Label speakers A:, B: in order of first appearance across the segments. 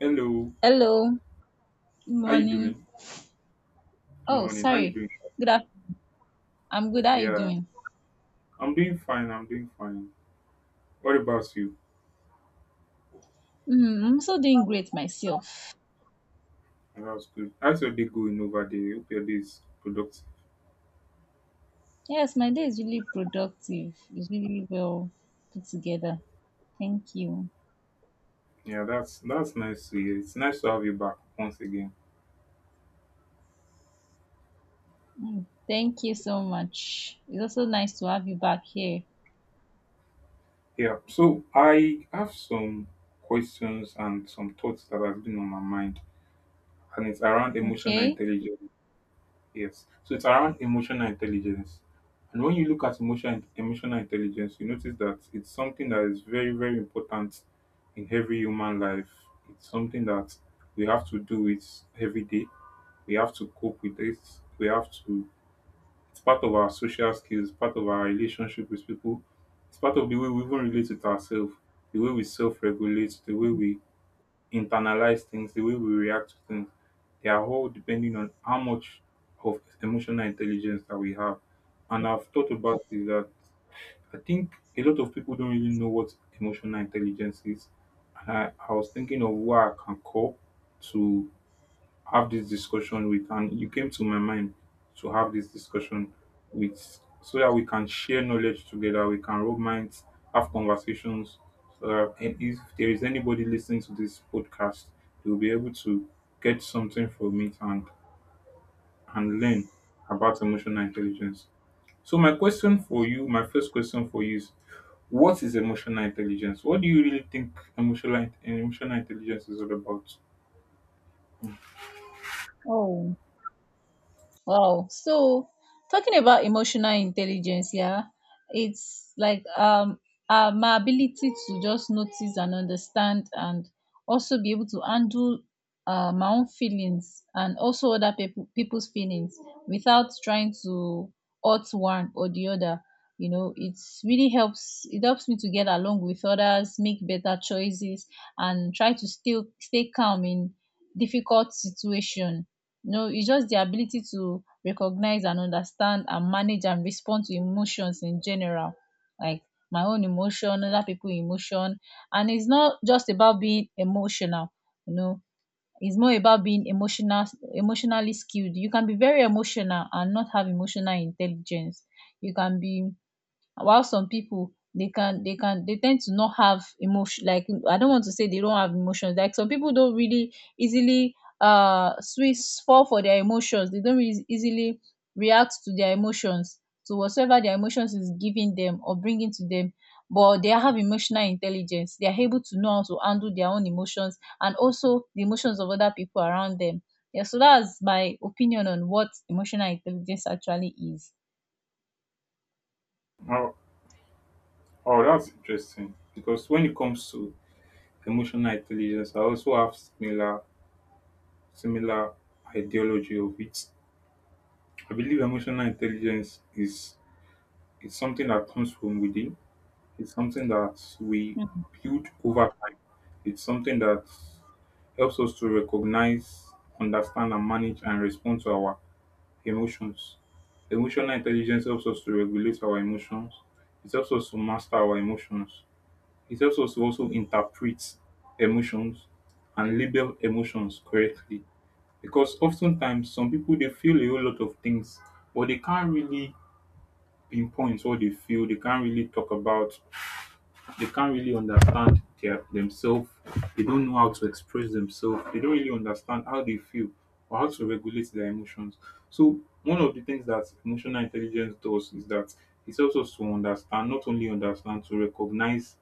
A: Hello,
B: Hello, good
A: how you
B: morning.
A: doing? Good
B: Oh,
A: morning. How you
B: sorry.
A: doing?
B: Good afternoon. I'm good. How are you
A: Yeah,
B: doing?
A: I'm doing fine. I'm doing fine. What about you?
B: I'm also doing great myself.
A: Oh, that's good. How's your day going over there? Hope your day is productive.
B: Yes, my day is really productive. It's really really well put together. Thank you.
A: Yeah, that's nice to hear. It's nice to have you back once again.
B: Thank you so much. It's also nice to have you back here.
A: Yeah. So I have some questions and some thoughts that have been on my mind, and it's around emotional
B: Okay.
A: intelligence. Yes. So it's around emotional intelligence. And when you look at emotional intelligence, you notice that it's something that is very, very important in every human life. It's something that we have to do it every day. We have to cope with it. We have to, it's part of our social skills, part of our relationship with people. It's part of the way we even relate with ourselves, the way we self regulate, the way we internalize things, the way we react to things, they are all depending on how much of emotional intelligence that we have. And I've thought about is that I think a lot of people don't really know what emotional intelligence is. And I was thinking of where I can call to have this discussion with, and you came to my mind to have this discussion with, so that we can share knowledge together, we can rub minds, have conversations, so that, and if there is anybody listening to this podcast, they'll be able to get something from it and learn about emotional intelligence. So my question for you, my first question for you is, what is emotional intelligence? What do you really think emotional intelligence is all about?
B: Oh, wow. So talking about emotional intelligence, yeah, it's like my ability to just notice and understand and also be able to handle my own feelings and also other people's feelings without trying to hurt one or the other. You know, it helps me to get along with others, make better choices and try to still stay calm in difficult situation. No, it's just the ability to recognize and understand and manage and respond to emotions in general, like my own emotion, other people emotion. And it's not just about being emotional you know it's more about being emotionally skilled. You can be very emotional and not have emotional intelligence. You can be While some people, they tend to not have emotion. Like, I don't want to say they don't have emotions. Like, some people don't really easily switch fall for their emotions. They don't really easily react to their emotions, to whatsoever their emotions is giving them or bringing to them. But they have emotional intelligence. They are able to know how to handle their own emotions and also the emotions of other people around them. Yeah, so that's my opinion on what emotional intelligence actually is.
A: How Oh, that's interesting because when it comes to emotional intelligence, I also have similar ideology of it. I believe emotional intelligence is something that comes from within. It's something that we
B: Mhm.
A: build over time. It's something that helps us to recognize, understand, and manage and respond to our emotions. Emotional intelligence helps us to regulate our emotions. It helps us to master our emotions. It helps us to also interpret emotions and label emotions correctly, because oftentimes some people they feel a whole lot of things, but they can't really pinpoint what they feel. They can't really talk about. They can't really understand their themselves. They don't know how to express themselves. They don't really understand how they feel or how to regulate their emotions. So one of the things that emotional intelligence does is that it helps us to understand, not only understand, to recognize,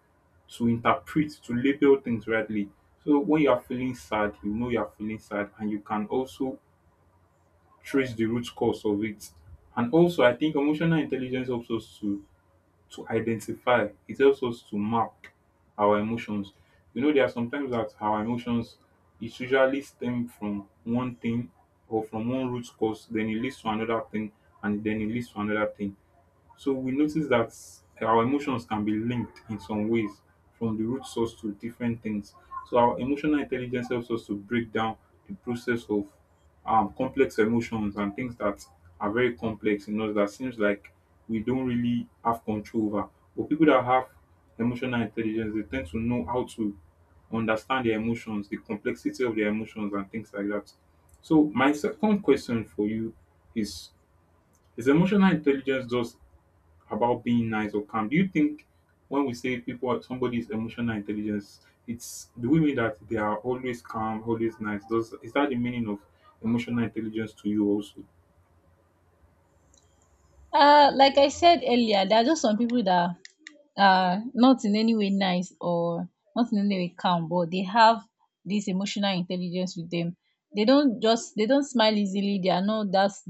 A: to interpret, to label things rightly. So when you are feeling sad, you know you are feeling sad, and you can also trace the root cause of it. And also, I think emotional intelligence helps us to identify. It helps us to map our emotions. You know, there are sometimes that our emotions, it usually stem from one thing or from one root cause, then it leads to another thing, and then it leads to another thing. So we notice that our emotions can be linked in some ways from the root source to different things. So our emotional intelligence helps us to break down the process of complex emotions and things that are very complex in us that seems like we don't really have control over. But people that have emotional intelligence, they tend to know how to understand their emotions, the complexity of their emotions, and things like that. So my second question for you is: is emotional intelligence just about being nice or calm? Do you think when we say people are somebody's emotional intelligence, it's, do we mean that they are always calm, always nice? Does, is that the meaning of emotional intelligence to you also?
B: Like I said earlier, there are just some people that are not in any way nice or not in any way calm, but they have this emotional intelligence with them. They don't smile easily. They are not, that's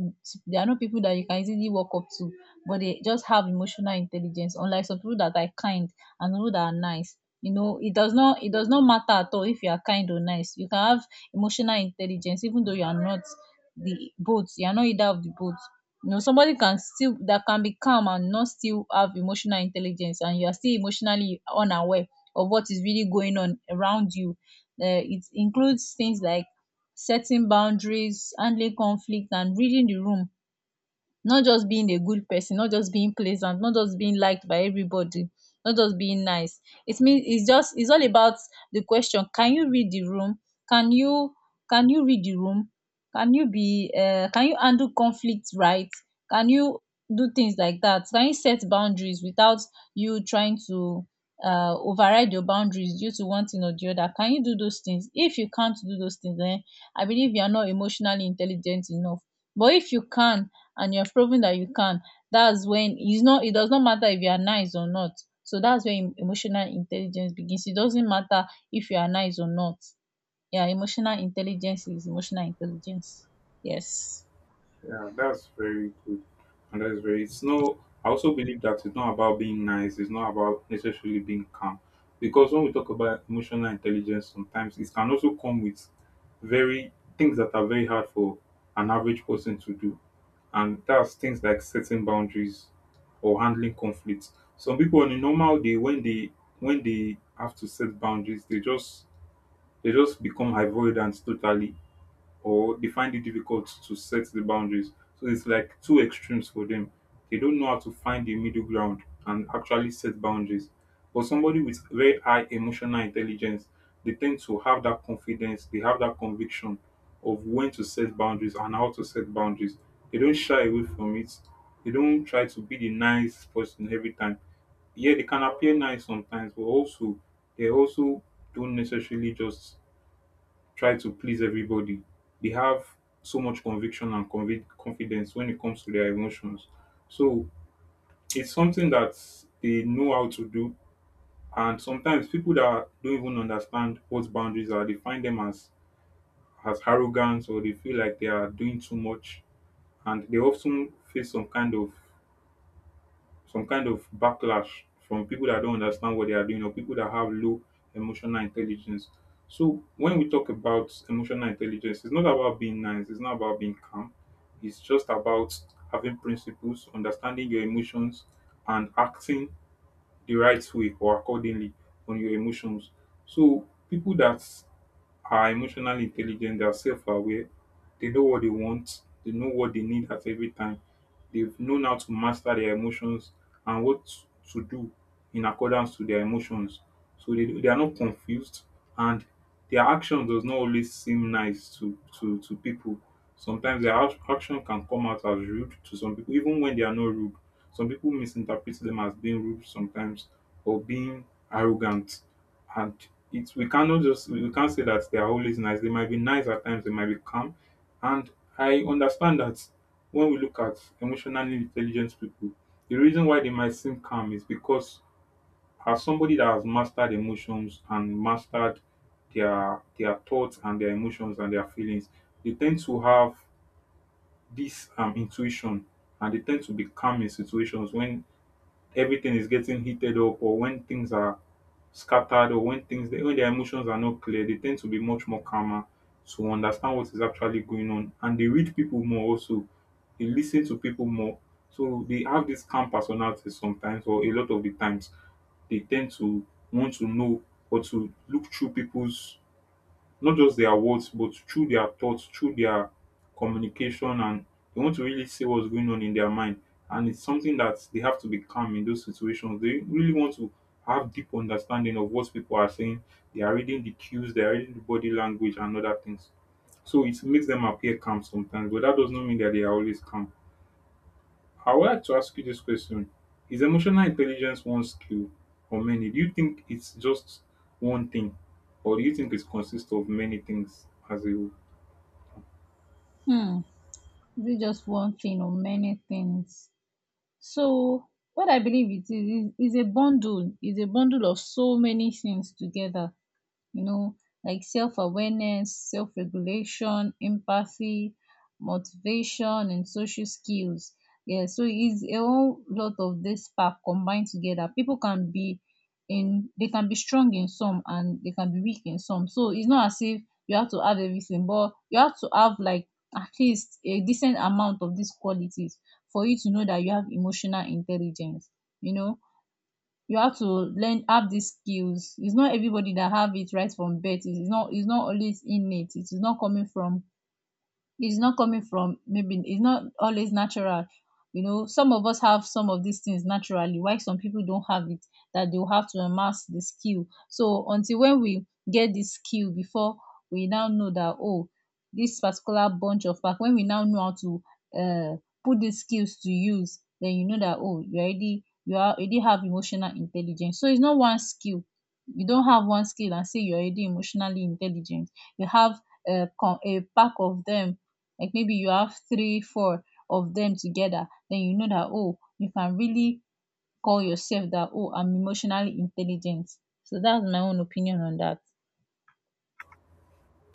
B: they are not people that you can easily walk up to, but they just have emotional intelligence, unlike some people that are kind and people that are nice. You know, it does not matter at all. If you are kind or nice, you can have emotional intelligence even though You are not either of the both. You know, somebody can still that can be calm and not still have emotional intelligence, and you are still emotionally unaware of what is really going on around you. It includes things like setting boundaries, handling conflict, and reading the room. Not just being a good person, not just being pleasant, not just being liked by everybody, not just being nice. It means, it's all about the question: Can you read the room? Can you can you read the room? Can you handle conflict right? Can you do things like that? Can you set boundaries without you trying to override your boundaries due to one thing or the other? Can you do those things? If you can't do those things, then I believe you are not emotionally intelligent enough. But if you can, and you have proven that you can, that's when it does not matter if you are nice or not. So that's when emotional intelligence begins. It doesn't matter if you are nice or not. Yeah, emotional intelligence is emotional intelligence. Yes.
A: Yeah, that's very good. And that's very, it's, no, I also believe that it's not about being nice, it's not about necessarily being calm. Because when we talk about emotional intelligence, sometimes it can also come with very, things that are very hard for an average person to do. And that's things like setting boundaries or handling conflicts. Some people on a normal day when they, when they have to set boundaries, they just, they just become avoidant totally, or they find it difficult to set the boundaries. So it's like two extremes for them. They don't know how to find the middle ground and actually set boundaries. But somebody with very high emotional intelligence, they tend to have that confidence, they have that conviction of when to set boundaries and how to set boundaries. They don't shy away from it. They don't try to be the nice person every time. Yeah, they can appear nice sometimes, but also they also don't necessarily just try to please everybody. They have so much conviction and confidence when it comes to their emotions. So it's something that they know how to do. And sometimes people that don't even understand what boundaries are, they find them as arrogant, or they feel like they are doing too much, and they often face some kind of backlash from people that don't understand what they are doing or people that have low emotional intelligence. So when we talk about emotional intelligence, it's not about being nice, it's not about being calm. It's just about having principles, understanding your emotions and acting the right way or accordingly on your emotions. So people that are emotionally intelligent, they are self-aware, they know what they want, they know what they need at every time. They've known how to master their emotions and what to do in accordance to their emotions. So they are not confused, and their action does not always seem nice to, to people. Sometimes their action can come out as rude to some people, even when they are not rude. Some people misinterpret them as being rude sometimes, or being arrogant. And it's, we cannot just, we can't say that they are always nice. They might be nice at times, they might be calm. And I understand that when we look at emotionally intelligent people, the reason why they might seem calm is because as somebody that has mastered emotions and mastered their thoughts and their emotions and their feelings, they tend to have this intuition, and they tend to be calm in situations when everything is getting heated up, or when things are scattered, or when things, when their emotions are not clear, they tend to be much more calmer to understand what is actually going on. And they read people more also. They listen to people more. So they have this calm personality sometimes, or a lot of the times they tend to want to know or to look through people's, not just their words but through their thoughts, through their communication, and they want to really see what's going on in their mind. And it's something that they have to be calm in those situations. They really want to have deep understanding of what people are saying. They are reading the cues, they are reading the body language and other things. So it makes them appear calm sometimes, but that does not mean that they are always calm. I would like to ask you this question. Is emotional intelligence one skill or many? Do you think it's just one thing, or do you think it consists of many things as a whole?
B: Hmm. Is it just one thing or many things? So what I believe it is a bundle of so many things together. You know, like self awareness, self regulation, empathy, motivation, and social skills. Yeah, so it's a whole lot of this part combined together. People can be strong in some and they can be weak in some. So it's not as if you have to have everything, but you have to have like at least a decent amount of these qualities for you to know that you have emotional intelligence, you know you have to learn, have these skills. It's not everybody that have it right from birth. It's not always innate. It is not coming from it's not coming from Maybe it's not always natural. You know, some of us have some of these things naturally, why some people don't have it, that they'll have to amass the skill. So until when we get this skill before we now know that, oh, this particular bunch of pack. When we now know how to uh, put these skills to use, then you know that, oh, you are already have emotional intelligence. So it's not one skill. You don't have one skill and say you're already emotionally intelligent. You have a, a pack of them. Like maybe you have three four of them together, then you know that, oh, you can really call yourself that, oh, I'm emotionally intelligent. So that's my own opinion on that.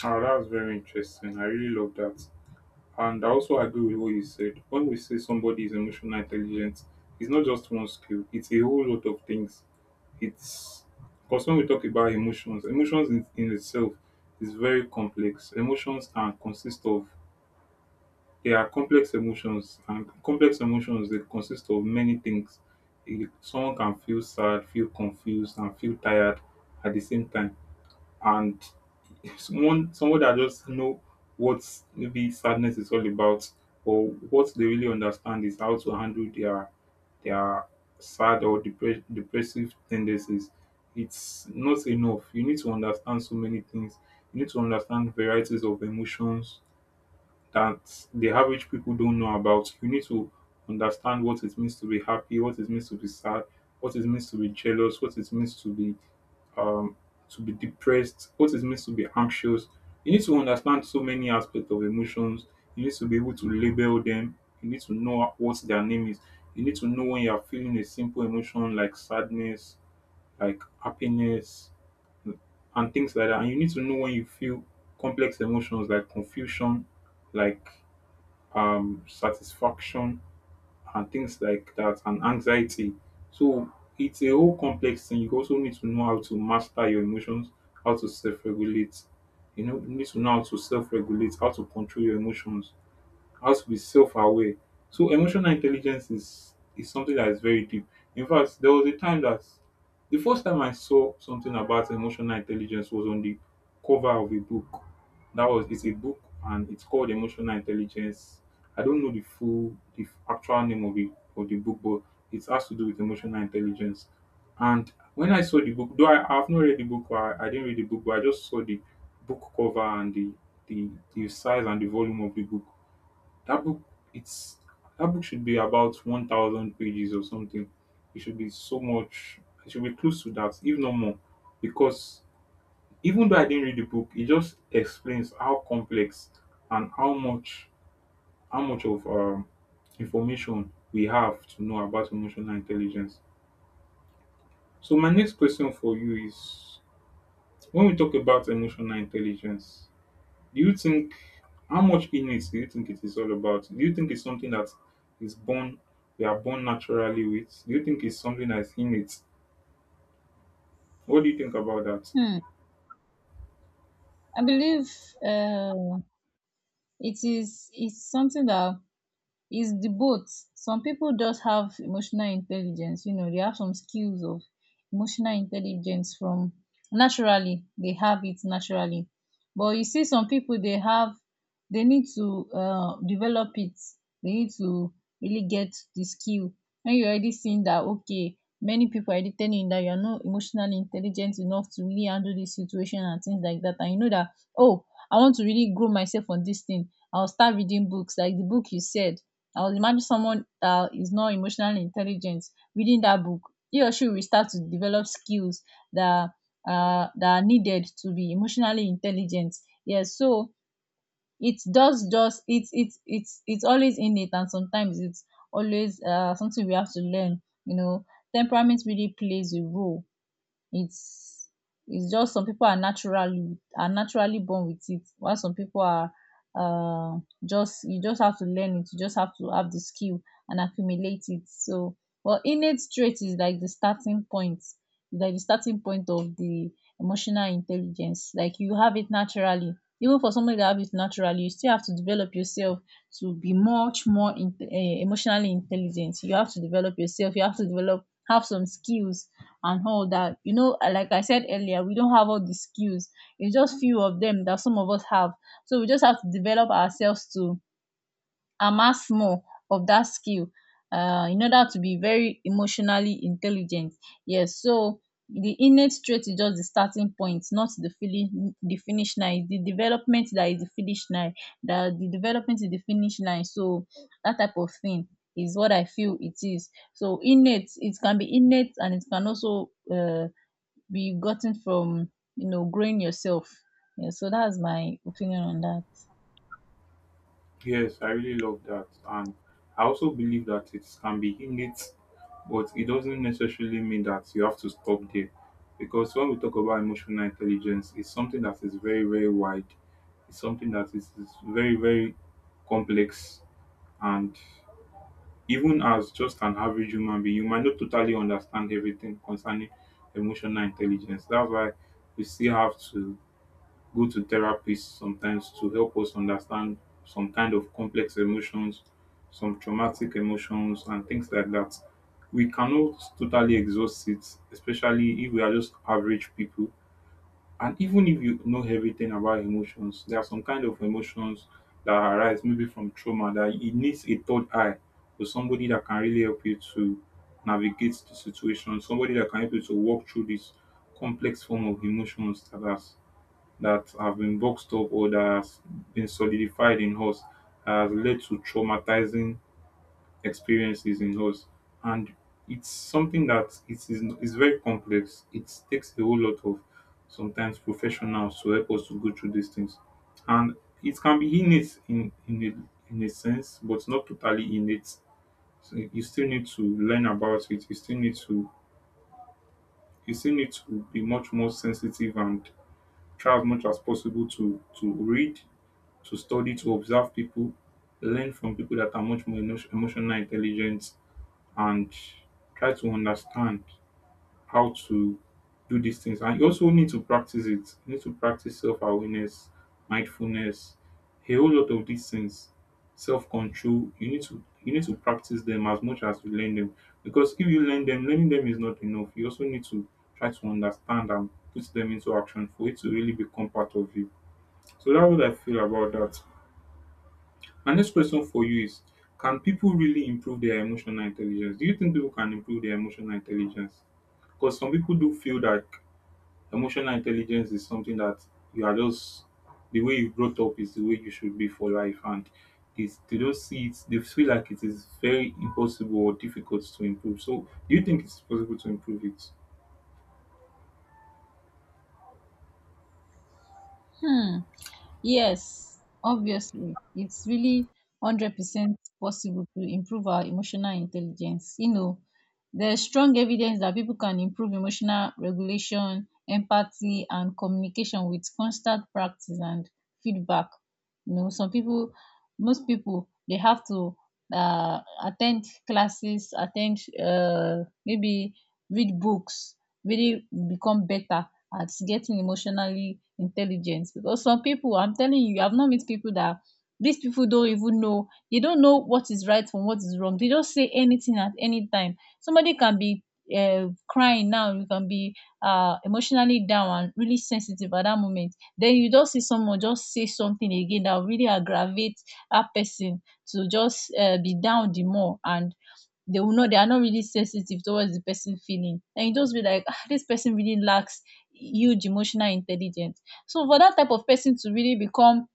A: Oh, that's very interesting. I really love that. And I also agree with what you said. When we say somebody is emotional intelligent, it's not just one skill, it's a whole lot of things. It's, because when we talk about emotions, emotions in itself is very complex. Emotions can consist of, they are complex emotions, and complex emotions they consist of many things. Eh, someone can feel sad, feel confused, and feel tired at the same time. And someone that just know what maybe sadness is all about, or what they really understand is how to handle their sad or depressive tendencies. It's not enough. You need to understand so many things. You need to understand varieties of emotions that the average people don't know about. You need to understand what it means to be happy, what it means to be sad, what it means to be jealous, what it means um to be depressed, what it means to be anxious. You need to understand so many aspects of emotions. You need to be able to label them. You need to know what their name is. You need to know when you are feeling a simple emotion like sadness, like happiness, and things like that. And you need to know when you feel complex emotions like confusion, like satisfaction and things like that and anxiety. So it's a whole complex thing. You also need to know how to master your emotions, how to self regulate. You need to know how to self regulate, how to control your emotions, has to be self-aware. So emotional intelligence is something that is very deep. In fact, there was a time that the first time I saw something about emotional intelligence was on the cover of a book. That was it's a book, and it's called Emotional Intelligence. I don't know the actual name of the book, but it has to do with emotional intelligence. And when I saw the book, though I have not read the book, I didn't read the book, but I just saw the book cover and the size and the volume of the book. That book it's that book should be about 1,000 pages or something. It should be so much. It should be close to that, if not more. Because even though I didn't read the book, it just explains how complex and how much of information we have to know about emotional intelligence. So my next question for you is, when we talk about emotional intelligence, do you think, how much illness do you think it is all about? Do you think it's something that is born we are born naturally with? Do you think it's something that's innate? What do you think about that?
B: Hmm. I believe uh, it's something that is the both. Some people just have emotional intelligence. You know, they have some skills of emotional intelligence from naturally. They have it naturally. But you see, some people they need to develop it. They need to really get the skill. And you already seen that, okay, many people already telling you that you're not emotionally intelligent enough to really handle this situation and things like that, and you know that, oh, I want to really grow myself on this thing. I'll start reading books like the book you said. I would imagine someone that is not emotionally intelligent reading that book. He or she will start to develop skills that that are needed to be emotionally intelligent. Yes, so it's always in it, and sometimes it's always something we have to learn. You know, temperament really plays a role. It's it's just some people are naturally born with it, while some people are, uh just, you just have to learn it. You just have to have the skill and accumulate it. So well, innate trait is like the starting point, of the emotional intelligence. Like you have it naturally, even for somebody that have it naturally, you still have to develop yourself to be much more emotionally intelligent. You have to develop yourself, you have to develop, have some skills and all that. You know, like I said earlier, we don't have all the skills. It's just few of them that some of us have. So we just have to develop ourselves to amass more of that skill in order to be very emotionally intelligent. Yes, so the innate trait is just the starting point, not the finish line. It's the development that is the finish line. That the development is the finish line. So that type of thing is what I feel it is. So innate, it can be innate and it can also be gotten from, growing yourself. Yeah, so that's my opinion on that.
A: Yes, I really love that. And I also believe that it can be innate, but it doesn't necessarily mean that you have to stop there. Because when we talk about emotional intelligence, it's something that is very, very wide. It's something that is very, very complex. And even as just an average human being, you might not totally understand everything concerning emotional intelligence. That's why we still have to go to therapists sometimes to help us understand some kind of complex emotions, some traumatic emotions, and things like that. We cannot totally exhaust it, especially if we are just average people, and even if you know everything about emotions, there are some kind of emotions that arise maybe from trauma, that it needs a third eye or somebody that can really help you to navigate the situation, somebody that can help you to walk through this complex form of emotions that has that have been boxed up, or that has been solidified in us, that has led to traumatizing experiences in us. And it's something that, it's very complex. It takes a whole lot of, sometimes, professionals to help us to go through these things. And it can be innate in a sense, but not totally innate. So you still need to learn about it. You still need to be much more sensitive, and try as much as possible to read, to study, to observe people, learn from people that are much more emotional intelligent, and try to understand how to do these things. And you also need to practice it. You need to practice self awareness, mindfulness, a whole lot of these things. Self control. You need to practice them as much as you learn them. Because if you learn them, learning them is not enough. You also need to try to understand and put them into action for it to really become part of you. So that's what I feel about that. My next question for you is, can people really improve their emotional intelligence? Do you think people can improve their emotional intelligence? Because some people do feel that emotional intelligence is something that you are just, the way you brought up is the way you should be for life, and they don't see it, they feel like it is very impossible or difficult to improve. So, do you think it's possible to improve it?
B: Hmm. Yes, obviously, it's really 100% possible to improve our emotional intelligence. You know, there's strong evidence that people can improve emotional regulation, empathy, and communication with constant practice and feedback. You know, some people, most people, they have to attend classes, attend, maybe read books, really become better at getting emotionally intelligent. Because some people, I'm telling you, I've not met people that these people don't even know. They don't know what is right from what is wrong. They just say anything at any time. Somebody can be crying now, you can be emotionally down and really sensitive at that moment, then you just see someone just say something again that will really aggravate that person to just be down the more. And they will know they are not really sensitive towards the person feeling, and you just be like, ah, this person really lacks huge emotional intelligence. So for that type of person to really become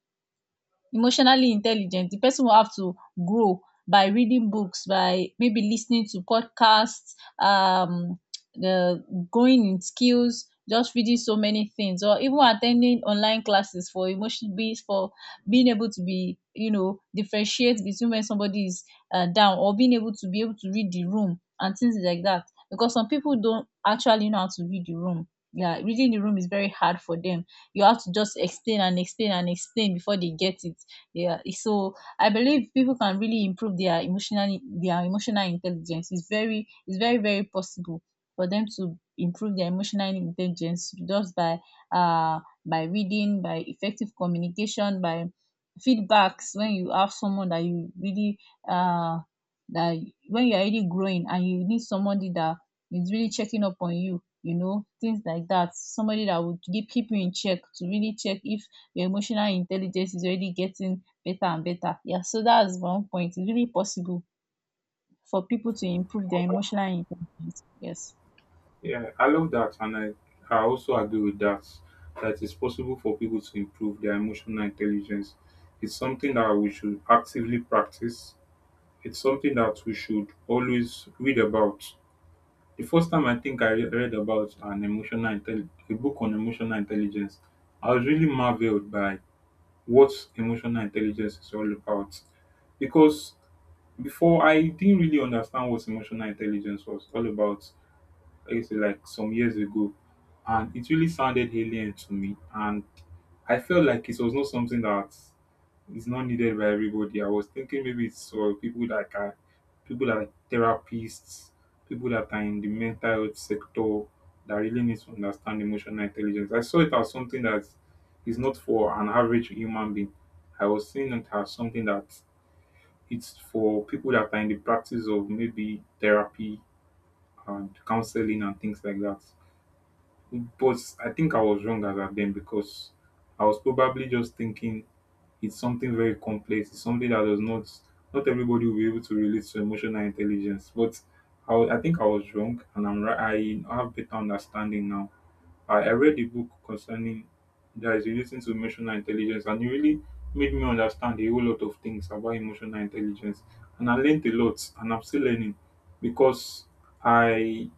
B: emotionally intelligent, the person will have to grow by reading books, by maybe listening to podcasts, um the growing in skills, just reading so many things, or even attending online classes for emotion be for being able to, be you know, differentiate between when somebody is down, or being able to read the room and things like that. Because some people don't actually know how to read the room. Yeah, reading the room is very hard for them. You have to just explain and explain and explain before they get it. Yeah, so I believe people can really improve their emotional intelligence. It's very very possible for them to improve their emotional intelligence, just by uh reading, by effective communication, by feedbacks. When you have someone that you really uh that, when you're already growing and you need somebody that is really checking up on you, you know, things like that, somebody that would keep you in check to really check if your emotional intelligence is already getting better and better. Yeah, so that's one point. It's really possible for people to improve their emotional intelligence. Yes.
A: Yeah, I love that, and I also agree with that. That it's possible for people to improve their emotional intelligence. It's something that we should actively practice. It's something that we should always read about. The first time I think I read about a book on emotional intelligence, I was really marveled by what emotional intelligence is all about. Because before, I didn't really understand what emotional intelligence was all about. I used to, like some years ago, and it really sounded alien to me. And I felt like it was not something that is not needed by everybody. I was thinking maybe it's for people that are therapists, people that are in the mental health sector that really need to understand emotional intelligence. I saw it as something that is not for an average human being. I was seeing it as something that, it's for people that are in the practice of maybe therapy and counseling and things like that. But I think I was wrong as at then, because I was probably just thinking it's something very complex. It's something that does not not everybody will be able to relate to emotional intelligence. But I think I was wrong, and I'm right. I have better understanding now. I read the book concerning, that is relating to emotional intelligence, and it really made me understand a whole lot of things about emotional intelligence. And I learned a lot, and I'm still learning, because I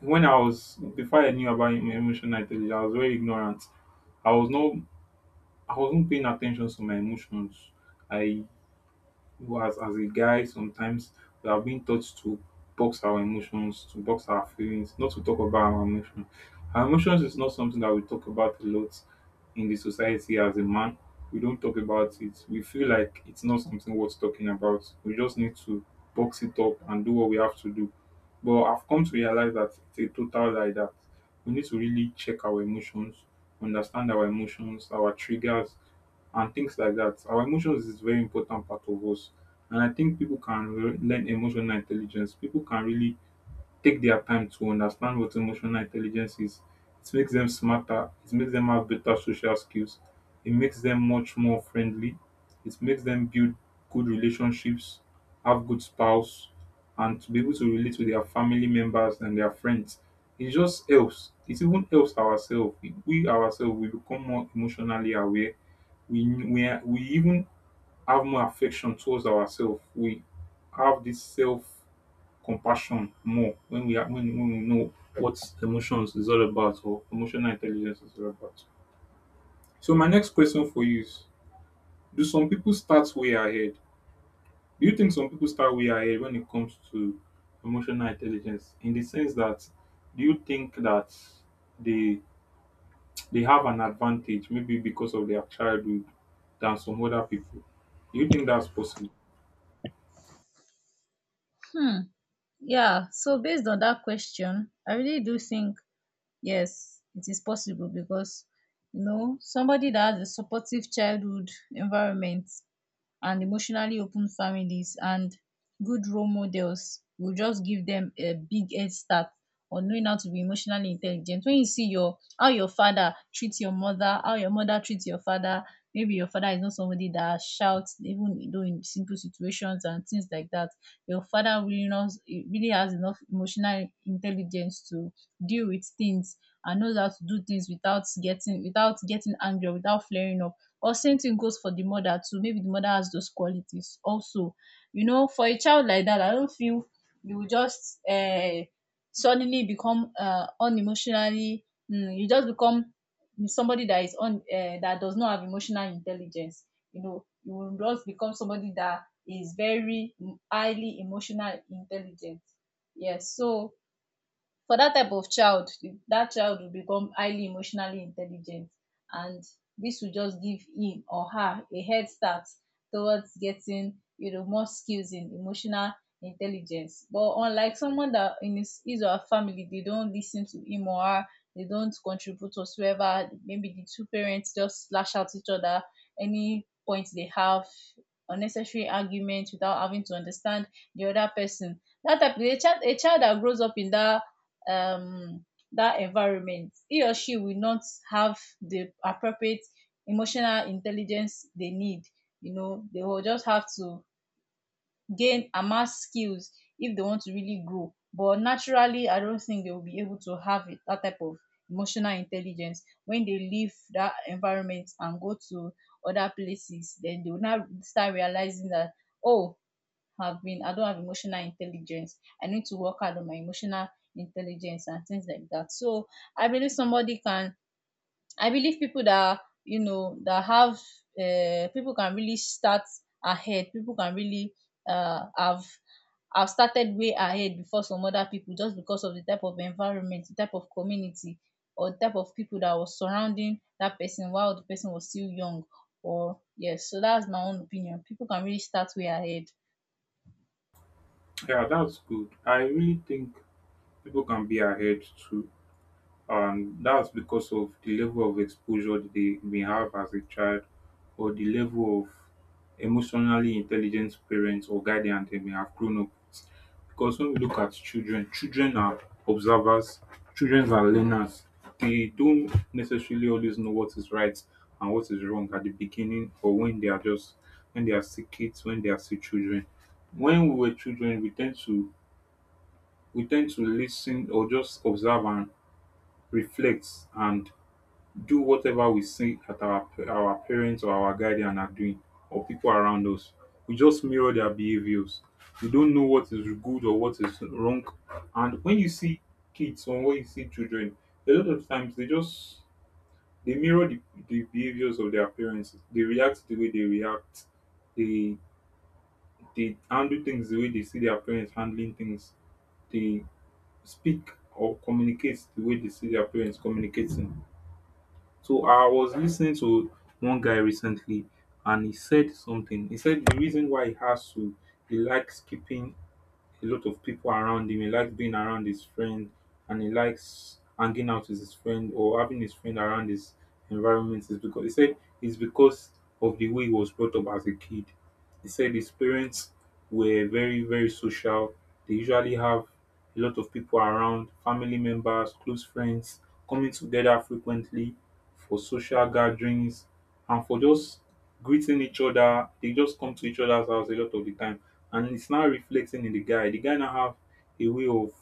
A: when I was before I knew about emotional intelligence, I was very ignorant. I was not I wasn't paying attention to my emotions. I Well, as a guy, sometimes we have been taught to box our emotions, to box our feelings, not to talk about our emotions. Our emotions is not something that we talk about a lot in the society as a man. We don't talk about it. We feel like it's not something worth talking about. We just need to box it up and do what we have to do. But I've come to realize that it's a total lie, that we need to really check our emotions, understand our emotions, our triggers, and things like that. Our emotions is very important part of us, and I think people can learn emotional intelligence. People can really take their time to understand what emotional intelligence is. It makes them smarter. It makes them have better social skills. It makes them much more friendly. It makes them build good relationships, have good spouse, and to be able to relate with their family members and their friends. It just helps. It even helps ourselves. We ourselves, we become more emotionally aware. We we we even have more affection towards ourselves. We have this self compassion more when we know what emotions is all about, or emotional intelligence is all about. So my next question for you is, do some people start way ahead? Do you think some people start way ahead when it comes to emotional intelligence? In the sense that, do you think that they they have an advantage maybe because of their childhood than some other people? Do you think that's possible?
B: Yeah. So based on that question, I really do think, yes, it is possible. Because you know, somebody that has a supportive childhood environment and emotionally open families and good role models will just give them a big head start on knowing how to be emotionally intelligent. When you see your how your father treats your mother, how your mother treats your father, maybe your father is not somebody that shouts, even though, in simple situations and things like that. Your father really has enough emotional intelligence to deal with things, and knows how to do things without getting angry, without flaring up. Or same thing goes for the mother too. Maybe the mother has those qualities also. You know, for a child like that, I don't feel you will just suddenly become, unemotionally, you just become somebody that is un that does not have emotional intelligence. You know, you will just become somebody that is very highly emotional intelligent. Yes, so for that type of child, that child will become highly emotionally intelligent, and this will just give him or her a head start towards getting, more skills in emotional intelligence. But unlike someone that in his or her family, they don't listen to him or her. They don't contribute whatsoever. Maybe the two parents just lash out each other any point they have unnecessary argument without having to understand the other person. That type a child a child that grows up in that, um, that environment, he or she will not have the appropriate emotional intelligence they need. You know, they will just have to gain, amass skills if they want to really grow. But naturally, I don't think they will be able to have it, that type of emotional intelligence, when they leave that environment and go to other places. Then they will now start realizing that, oh, have been I don't have emotional intelligence. I need to work hard on my emotional intelligence and things like that. So I believe somebody can I, believe people that you know that have people can really start ahead. People can really have started way ahead before some other people, just because of the type of environment, the type of community, or type of people that was surrounding that person while the person was still young. Or yes so that's my own opinion. People can really start way ahead.
A: Yeah, that's good. I really think people can be ahead too, and that's because of the level of exposure that they may have as a child, or the level of emotionally intelligent parents or guardians they may have grown up with. Because when we look at children, children are observers, children are learners. They don't necessarily always know what is right and what is wrong at the beginning, or when they are still kids, when they are still children. When we were children, we tend to listen or just observe and reflect, and do whatever we see that our parents or our guardian are doing, or people around us. We just mirror their behaviors. We don't know what is good or what is wrong. And when you see kids, or when you see children, a lot of times they mirror the behaviors of their parents. They react the way they react. They they handle things the way they see their parents handling things. They speak or communicate the way they see their parents communicating. So I was listening to one guy recently, and he said something. He said the reason why he likes keeping a lot of people around him. He likes being around his friend, and he likes hanging out with his friend or having his friend around his environment, is because he said it's because of the way he was brought up as a kid. He said his parents were very, very social. They usually have a lot of people around, family members, close friends, coming together frequently for social gatherings and for just greeting each other. They just come to each other's house a lot of the time. And it's now reflecting in the guy. The guy now have a way of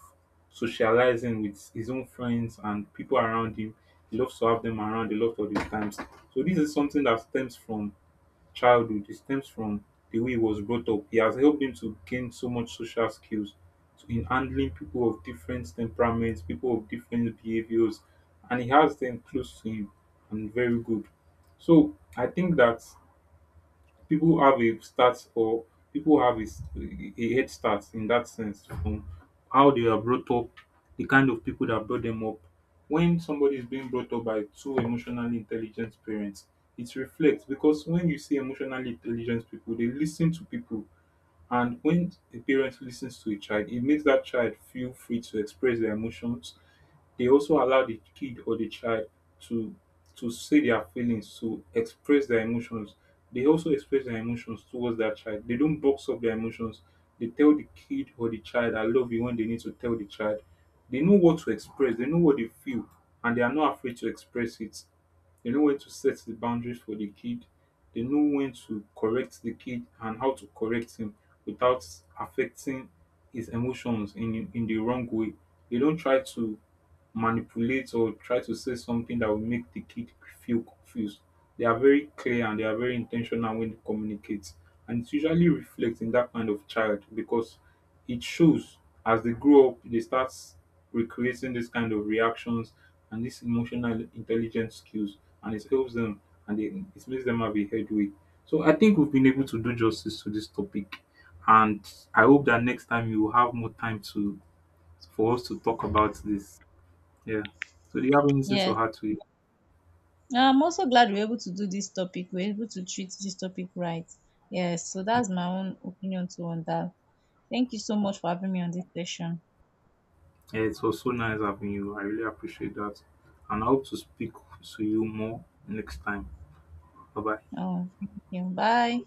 A: socializing with his own friends and people around him. He loves to have them around a lot of the times. So this is something that stems from childhood, it stems from the way he was brought up. He has helped him to gain so much social skills in handling people of different temperaments, people of different behaviors, and he has them close to him, and very good. So I think that people have a start, or people have a, a head start in that sense, from how they are brought up, the kind of people that brought them up. When somebody is being brought up by two emotionally intelligent parents, it reflects, because when you see emotionally intelligent people, they listen to people. And when a parent listens to a child, it makes that child feel free to express their emotions. They also allow the kid or the child to to say their feelings, to express their emotions. They also express their emotions towards their child. They don't box up their emotions. They tell the kid or the child, "I love you," when they need to tell the child. They know what to express, they know what they feel, and they are not afraid to express it. They know when to set the boundaries for the kid. They know when to correct the kid and how to correct him without affecting his emotions in the wrong way. They don't try to manipulate or try to say something that will make the kid feel confused. They are very clear, and they are very intentional when they communicate. And it usually reflects in that kind of child, because it shows, as they grow up they start recreating this kind of reactions and this emotional intelligence skills, and it helps them, and it makes them have a headway. So I think we've been able to do justice to this topic, and I hope that next time you will have more time to for us to talk about this. Yeah. So do you have anything to
B: Yes.
A: add to it?
B: I'm also glad we're able to do this topic. We're able to treat this topic right. Yes, so that's my own opinion too on that. Thank you so much for having me on this session.
A: Yeah, it was so nice having you. I really appreciate that. And I hope to speak to you more next time. Bye bye.
B: Thank you. Bye.